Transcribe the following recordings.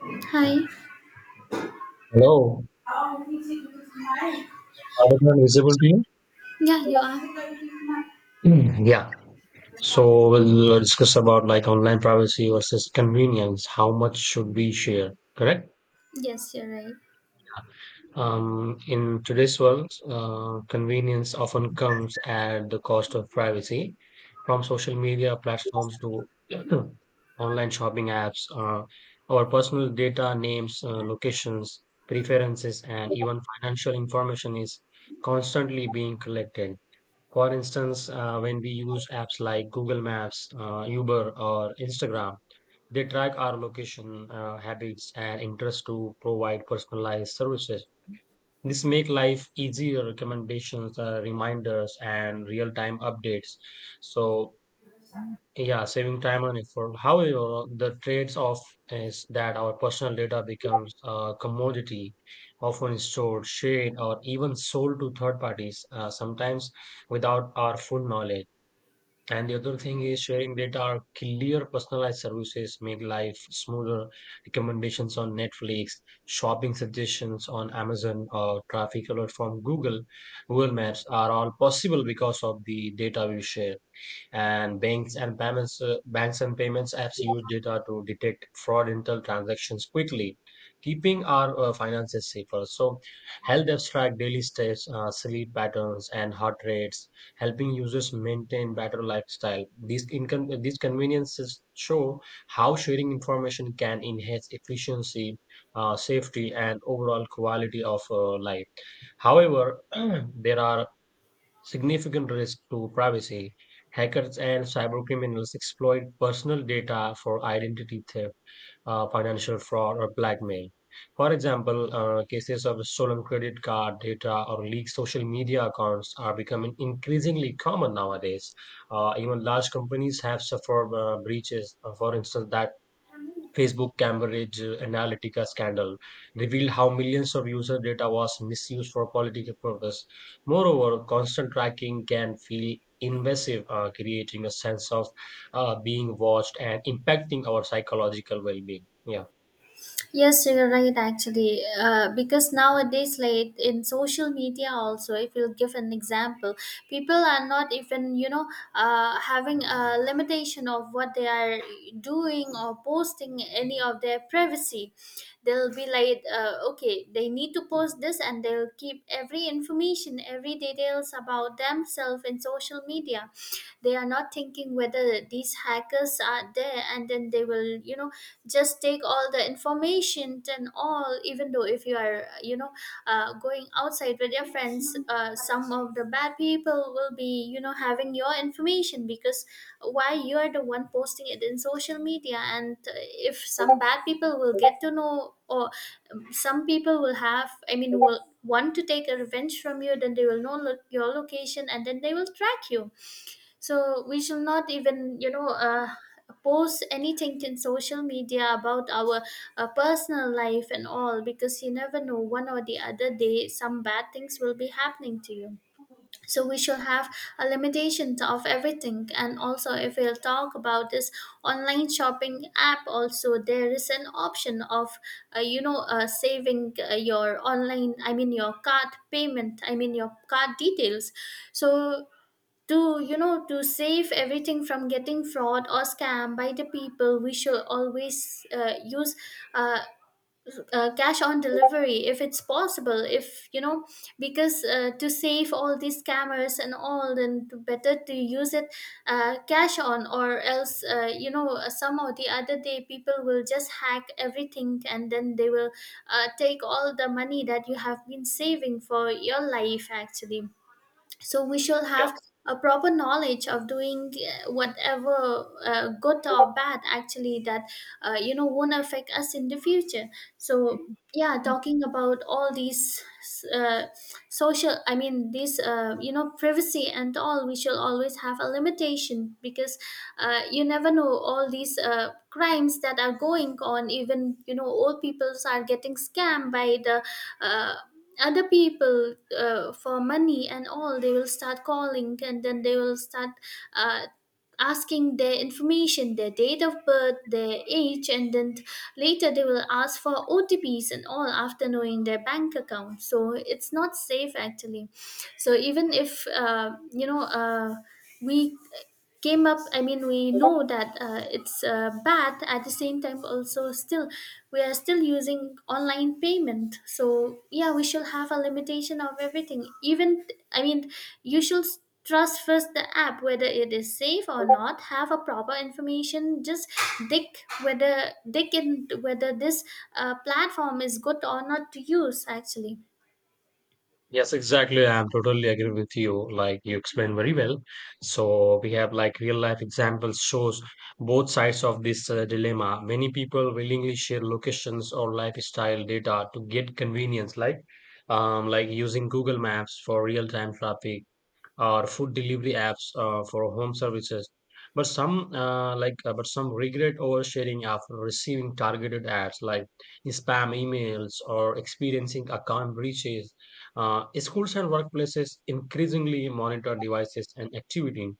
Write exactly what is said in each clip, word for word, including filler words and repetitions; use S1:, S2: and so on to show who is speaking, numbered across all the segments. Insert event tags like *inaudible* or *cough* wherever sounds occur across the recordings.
S1: Hi.
S2: Hello, everyone visible to you?
S1: Yeah, you are.
S2: Mm, yeah. So we'll discuss about like online privacy versus convenience. How much should we share? Correct.
S1: Yes, you're right.
S2: Um, in today's world, uh, convenience often comes at the cost of privacy. From social media platforms to *clears throat* online shopping apps, uh, our personal data, names, uh, locations, preferences, and even financial information is constantly being collected. For instance, uh, when we use apps like Google Maps, uh, Uber, or Instagram, they track our location, uh, habits, and interests to provide personalized services. This make life easier, recommendations, uh, reminders, and real-time updates. So, yeah, saving time and effort. However, the trade off is that our personal data becomes a commodity, often stored, shared, or even sold to third parties, uh, sometimes without our full knowledge. And the other thing is sharing data clear personalized services make life smoother. Recommendations on Netflix, shopping suggestions on Amazon, or traffic alert from Google, Google Maps are all possible because of the data we share, and banks and payments, uh, banks and payments apps use data to detect fraudulent transactions quickly, keeping our uh, finances safer. So health apps track daily steps, uh, sleep patterns, and heart rates, helping users maintain better lifestyle. These income these conveniences show how sharing information can enhance efficiency, uh, safety, and overall quality of uh, life. However, *clears throat* there are significant risk to privacy. Hackers and cybercriminals exploit personal data for identity theft, uh, financial fraud, or blackmail. For example, uh, cases of stolen credit card data or leaked social media accounts are becoming increasingly common nowadays. Uh, even large companies have suffered uh, breaches. Uh, for instance, that Facebook Cambridge uh, Analytica scandal revealed how millions of user data was misused for political purposes. Moreover, constant tracking can feel invasive, uh, creating a sense of uh, being watched and impacting our psychological well-being. Yeah.
S1: Yes, you're right, actually. Uh, because nowadays, like in social media, also, if you give an example, people are not even, you know, uh, having a limitation of what they are doing or posting any of their privacy. They'll be like, uh, okay, they need to post this and they'll keep every information, every details about themselves in social media. They are not thinking whether these hackers are there, and then they will, you know, just take all the information and all, even though if you are, you know, uh, going outside with your friends, uh, some of the bad people will be, you know, having your information. Because why you are the one posting it in social media? And uh, if some bad people will get to know, or um, some people will have, I mean, will want to take a revenge from you, then they will know lo- your location and then they will track you. So we shall not even, you know, uh, post anything in social media about our uh, personal life and all, because you never know, one or the other day some bad things will be happening to you. So we shall have a limitation of everything. And also if we'll talk about this online shopping app, also there is an option of, uh, you know, uh, saving, uh, your online, I mean your card payment, I mean your card details. So to, you know, to save everything from getting fraud or scam by the people, we should always uh, use uh, uh, cash on delivery if it's possible, if you know. Because uh, to save all these scammers and all, then better to use it, uh, cash on, or else, uh, you know, some or the other day people will just hack everything and then they will uh, take all the money that you have been saving for your life, actually. So we should have a proper knowledge of doing, uh, whatever uh, good or bad, actually, that uh, you know, won't affect us in the future. So yeah, talking about all these, uh, social, I mean these, uh, you know, privacy and all, we shall always have a limitation. Because uh, you never know, all these uh, crimes that are going on. Even, you know, old peoples are getting scammed by the uh, other people, uh, for money and all. They will start calling and then they will start uh, asking their information, their date of birth, their age, and then later they will ask for O T Ps and all after knowing their bank account. So it's not safe, actually. So even if uh, you know, uh, we came up I mean we know that uh, it's uh, bad at the same time also, still we are still using online payment. So yeah, we shall have a limitation of everything. Even, I mean, you should s- trust first the app whether it is safe or not, have a proper information, just dig, whether dig in whether this uh, platform is good or not to use, actually.
S2: Yes, exactly. I'm totally agree with you. Like you explained very well. So we have like real life examples shows both sides of this uh, dilemma. Many people willingly share locations or lifestyle data to get convenience, like um, like using Google Maps for real time traffic or food delivery apps uh, for home services, but some uh, like uh, but some regret oversharing after receiving targeted ads like spam emails or experiencing account breaches. Uh, schools and workplaces increasingly monitor devices and activity,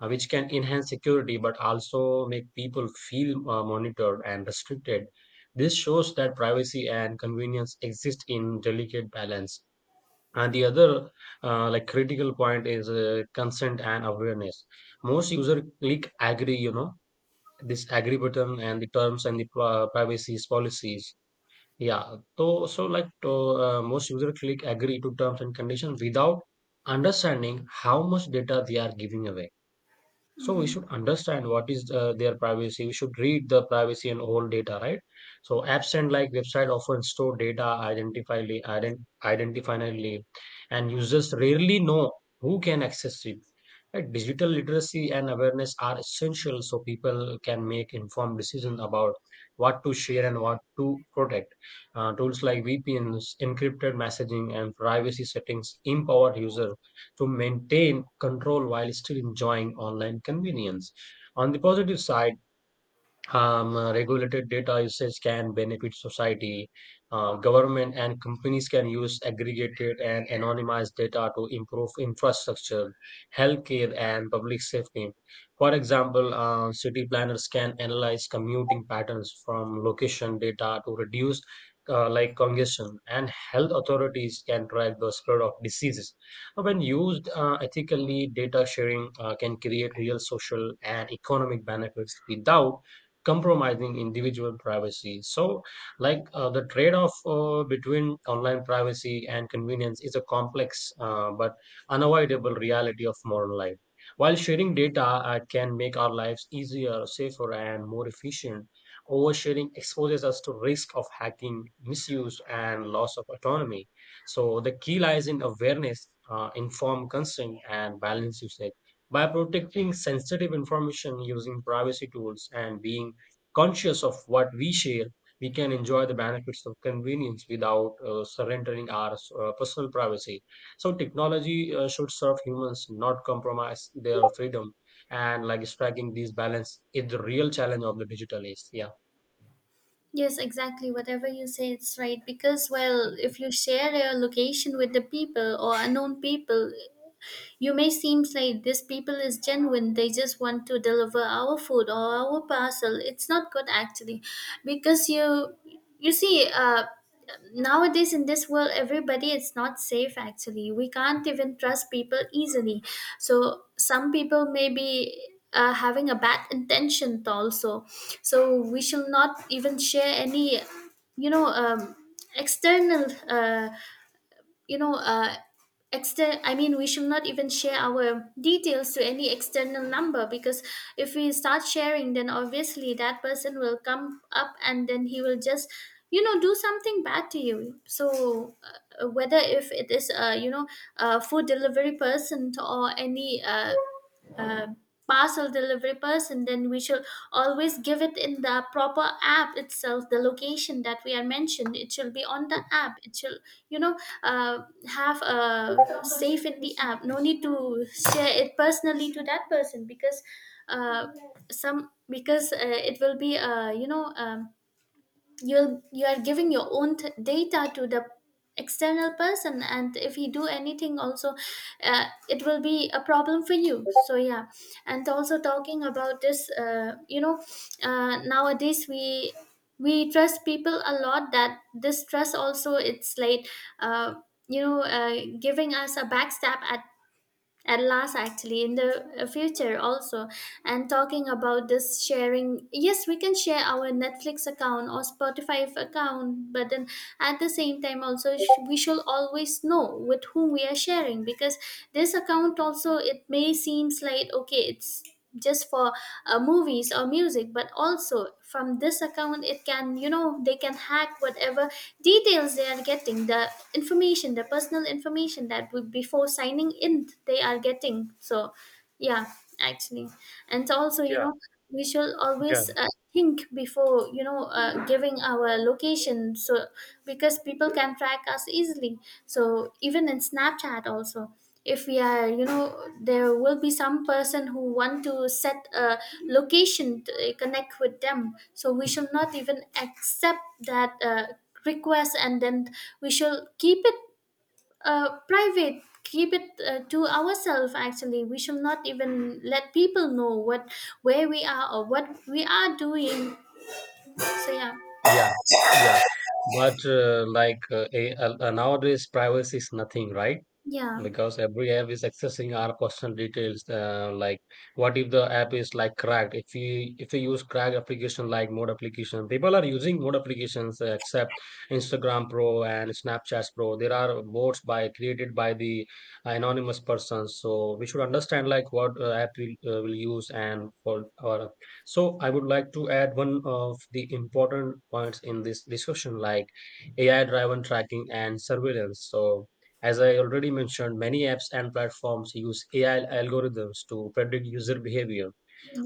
S2: uh, which can enhance security but also make people feel uh, monitored and restricted. This shows that privacy and convenience exist in delicate balance. And the other uh, like critical point is uh, consent and awareness. Most user click agree, you know, this agree button and the terms and the uh, privacy's policies. Yeah. So so like to, uh, most user click agree to terms and conditions without understanding how much data they are giving away. So we should understand what is uh, their privacy. We should read the privacy and all data, right? So apps and like website often store data identifiably, ident- identifiably, and users rarely know who can access it. Right? Digital literacy and awareness are essential so people can make informed decisions about what to share and what to protect. Uh, tools like V P Ns, encrypted messaging, and privacy settings empower users to maintain control while still enjoying online convenience. On the positive side, um, uh, regulated data usage can benefit society. Uh, government and companies can use aggregated and anonymized data to improve infrastructure, healthcare, and public safety. For example, uh, city planners can analyze commuting patterns from location data to reduce uh, like congestion, and health authorities can track the spread of diseases. Uh, When used uh, ethically, data sharing uh, can create real social and economic benefits without compromising individual privacy. So, like uh, the trade off uh, between online privacy and convenience is a complex uh, but unavoidable reality of modern life. While sharing data uh, can make our lives easier, safer, and more efficient, oversharing exposes us to risk of hacking, misuse, and loss of autonomy. So the key lies in awareness, uh, informed consent, and balanced usage. By protecting sensitive information using privacy tools and being conscious of what we share, we can enjoy the benefits of convenience without uh, surrendering our uh, personal privacy. So, technology uh, should serve humans, not compromise their freedom. And like striking this balance is the real challenge of the digital age. Yeah.
S1: Yes, exactly. Whatever you say, it's right. Because, well, if you share your location with the people or unknown people, you may seem like this people is genuine, they just want to deliver our food or our parcel. It's not good, actually, because you you see, uh, nowadays in this world, everybody is not safe, actually. We can't even trust people easily. So some people may be. Uh, having a bad intention also. So we shall not even share any, you know, um, external, uh, you know, uh extern I mean we should not even share our details to any external number. Because if we start sharing, then obviously that person will come up and then he will just, you know, do something bad to you. So uh, whether if it is, uh, you know, a food delivery person or any, uh, uh, parcel delivery person, then we should always give it in the proper app itself, the location that we are mentioned, it should be on the app, it should, you know, uh, have a safe in the app, no need to share it personally to that person. Because uh, some because uh, it will be, uh, you know, um, you'll you are giving your own th- data to the external person, and if he do anything also, uh, it will be a problem for you. So yeah. And also talking about this, uh, you know, uh, nowadays, we we trust people a lot, that this trust also, it's like uh, you know, uh, giving us a backstab at at last, actually, in the uh, future also. And talking about this sharing, yes, we can share our Netflix account or Spotify account, but then at the same time also, sh- we should always know with whom we are sharing. Because this account also, it may seems like okay, it's just for uh, movies or music, but also from this account, it can, you know, they can hack whatever details they are getting, the information, the personal information, that would, before signing in, they are getting. So yeah, actually, and also, you know, we should always uh, think before, you know, uh, giving our location. So because people can track us easily. So even in Snapchat also, if we are, you know, there will be some person who want to set a location to uh, connect with them. So we should not even accept that uh, request, and then we should keep it uh, private. Keep it uh, to ourselves. Actually, we should not even let people know what, where we are or what we are doing. So yeah,
S2: Yeah, yeah, but uh, like uh, a, uh, nowadays, privacy is nothing, right?
S1: yeah,
S2: Because every app is accessing our personal details, uh, like what if the app is like cracked, if we if we use cracked application like mode application. People are using mode applications, uh, except Instagram Pro and Snapchat Pro. There are bots by created by the anonymous persons, so we should understand like what uh, app we uh, will use, and for our, so I would like to add one of the important points in this discussion, like AI driven tracking and surveillance. So as I already mentioned, many apps and platforms use A I algorithms to predict user behavior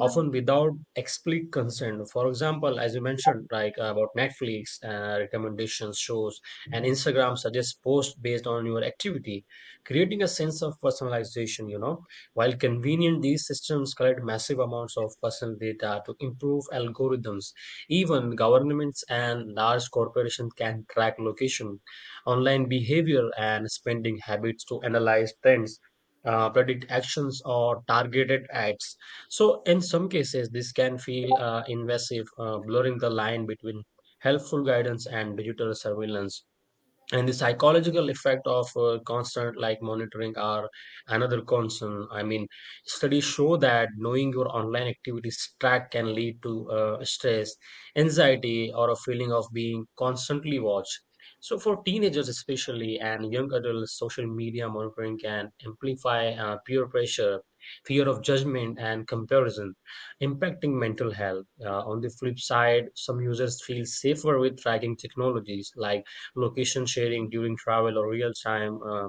S2: often without explicit consent. For example, as you mentioned, like uh, about Netflix uh, recommendations, shows, and Instagram suggests posts based on your activity, creating a sense of personalization. You know, while convenient, these systems collect massive amounts of personal data to improve algorithms. Even governments and large corporations can track location, online behavior, and spending habits to analyze trends. Uh, predict actions or targeted ads. So, in some cases, this can feel uh, invasive, uh, blurring the line between helpful guidance and digital surveillance. And the psychological effect of uh, constant like monitoring are another concern. I mean, studies show that knowing your online activities track can lead to uh, stress, anxiety, or a feeling of being constantly watched. So for teenagers especially and young adults, social media monitoring can amplify uh, peer pressure, fear of judgment, and comparison, impacting mental health. Uh, on the flip side, some users feel safer with tracking technologies like location sharing during travel or real-time uh,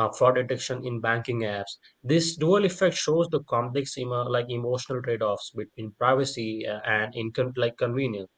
S2: uh, fraud detection in banking apps. This dual effect shows the complex emo- like emotional trade-offs between privacy uh, and income like convenience.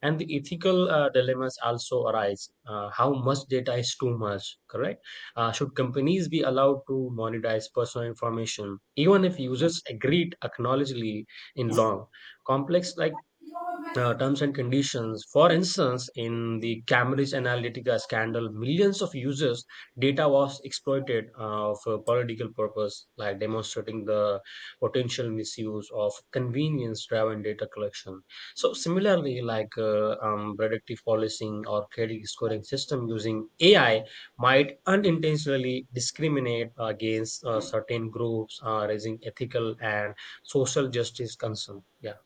S2: And the ethical uh, dilemmas also arise. Uh, how much data is too much, correct? Uh, should companies be allowed to monetize personal information, even if users agreed acknowledgedly in long, complex like
S1: yeah.
S2: uh, terms and conditions. For instance, in the Cambridge Analytica scandal, millions of users' data was exploited uh, for political purpose, like demonstrating the potential misuse of convenience-driven data collection. So similarly, like uh, um, predictive policing or credit scoring system using A I might unintentionally discriminate against uh, certain groups, uh, raising ethical and social justice concern. Yeah,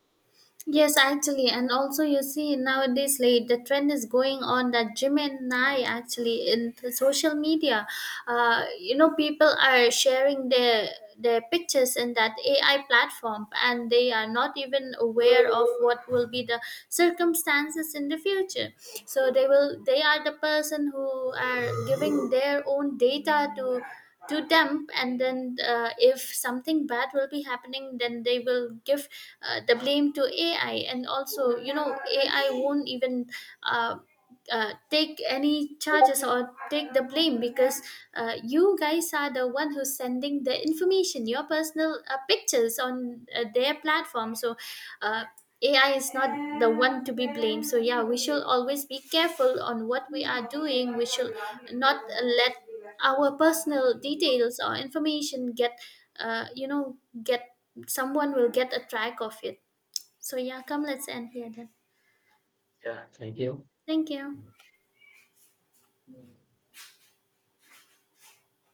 S1: Yes, actually, and also you see nowadays, like the trend is going on that Jim and I, actually, in the social media, uh, you know, people are sharing their their pictures in that A I platform, and they are not even aware of what will be the circumstances in the future. So they will, they are the person who are giving their own data to to dump, and then uh, if something bad will be happening, then they will give uh, the blame to ai. And also, you know, ai won't even uh, uh, take any charges or take the blame. Because uh, you guys are the one who's sending the information, your personal uh, pictures on uh, their platform. So uh, ai is not the one to be blamed. So yeah, we should always be careful on what we are doing. We should not uh, let our personal details or information get uh, you know, get, someone will get a track of it. So yeah, come, let's end here then.
S2: yeah. Thank you.
S1: Thank you.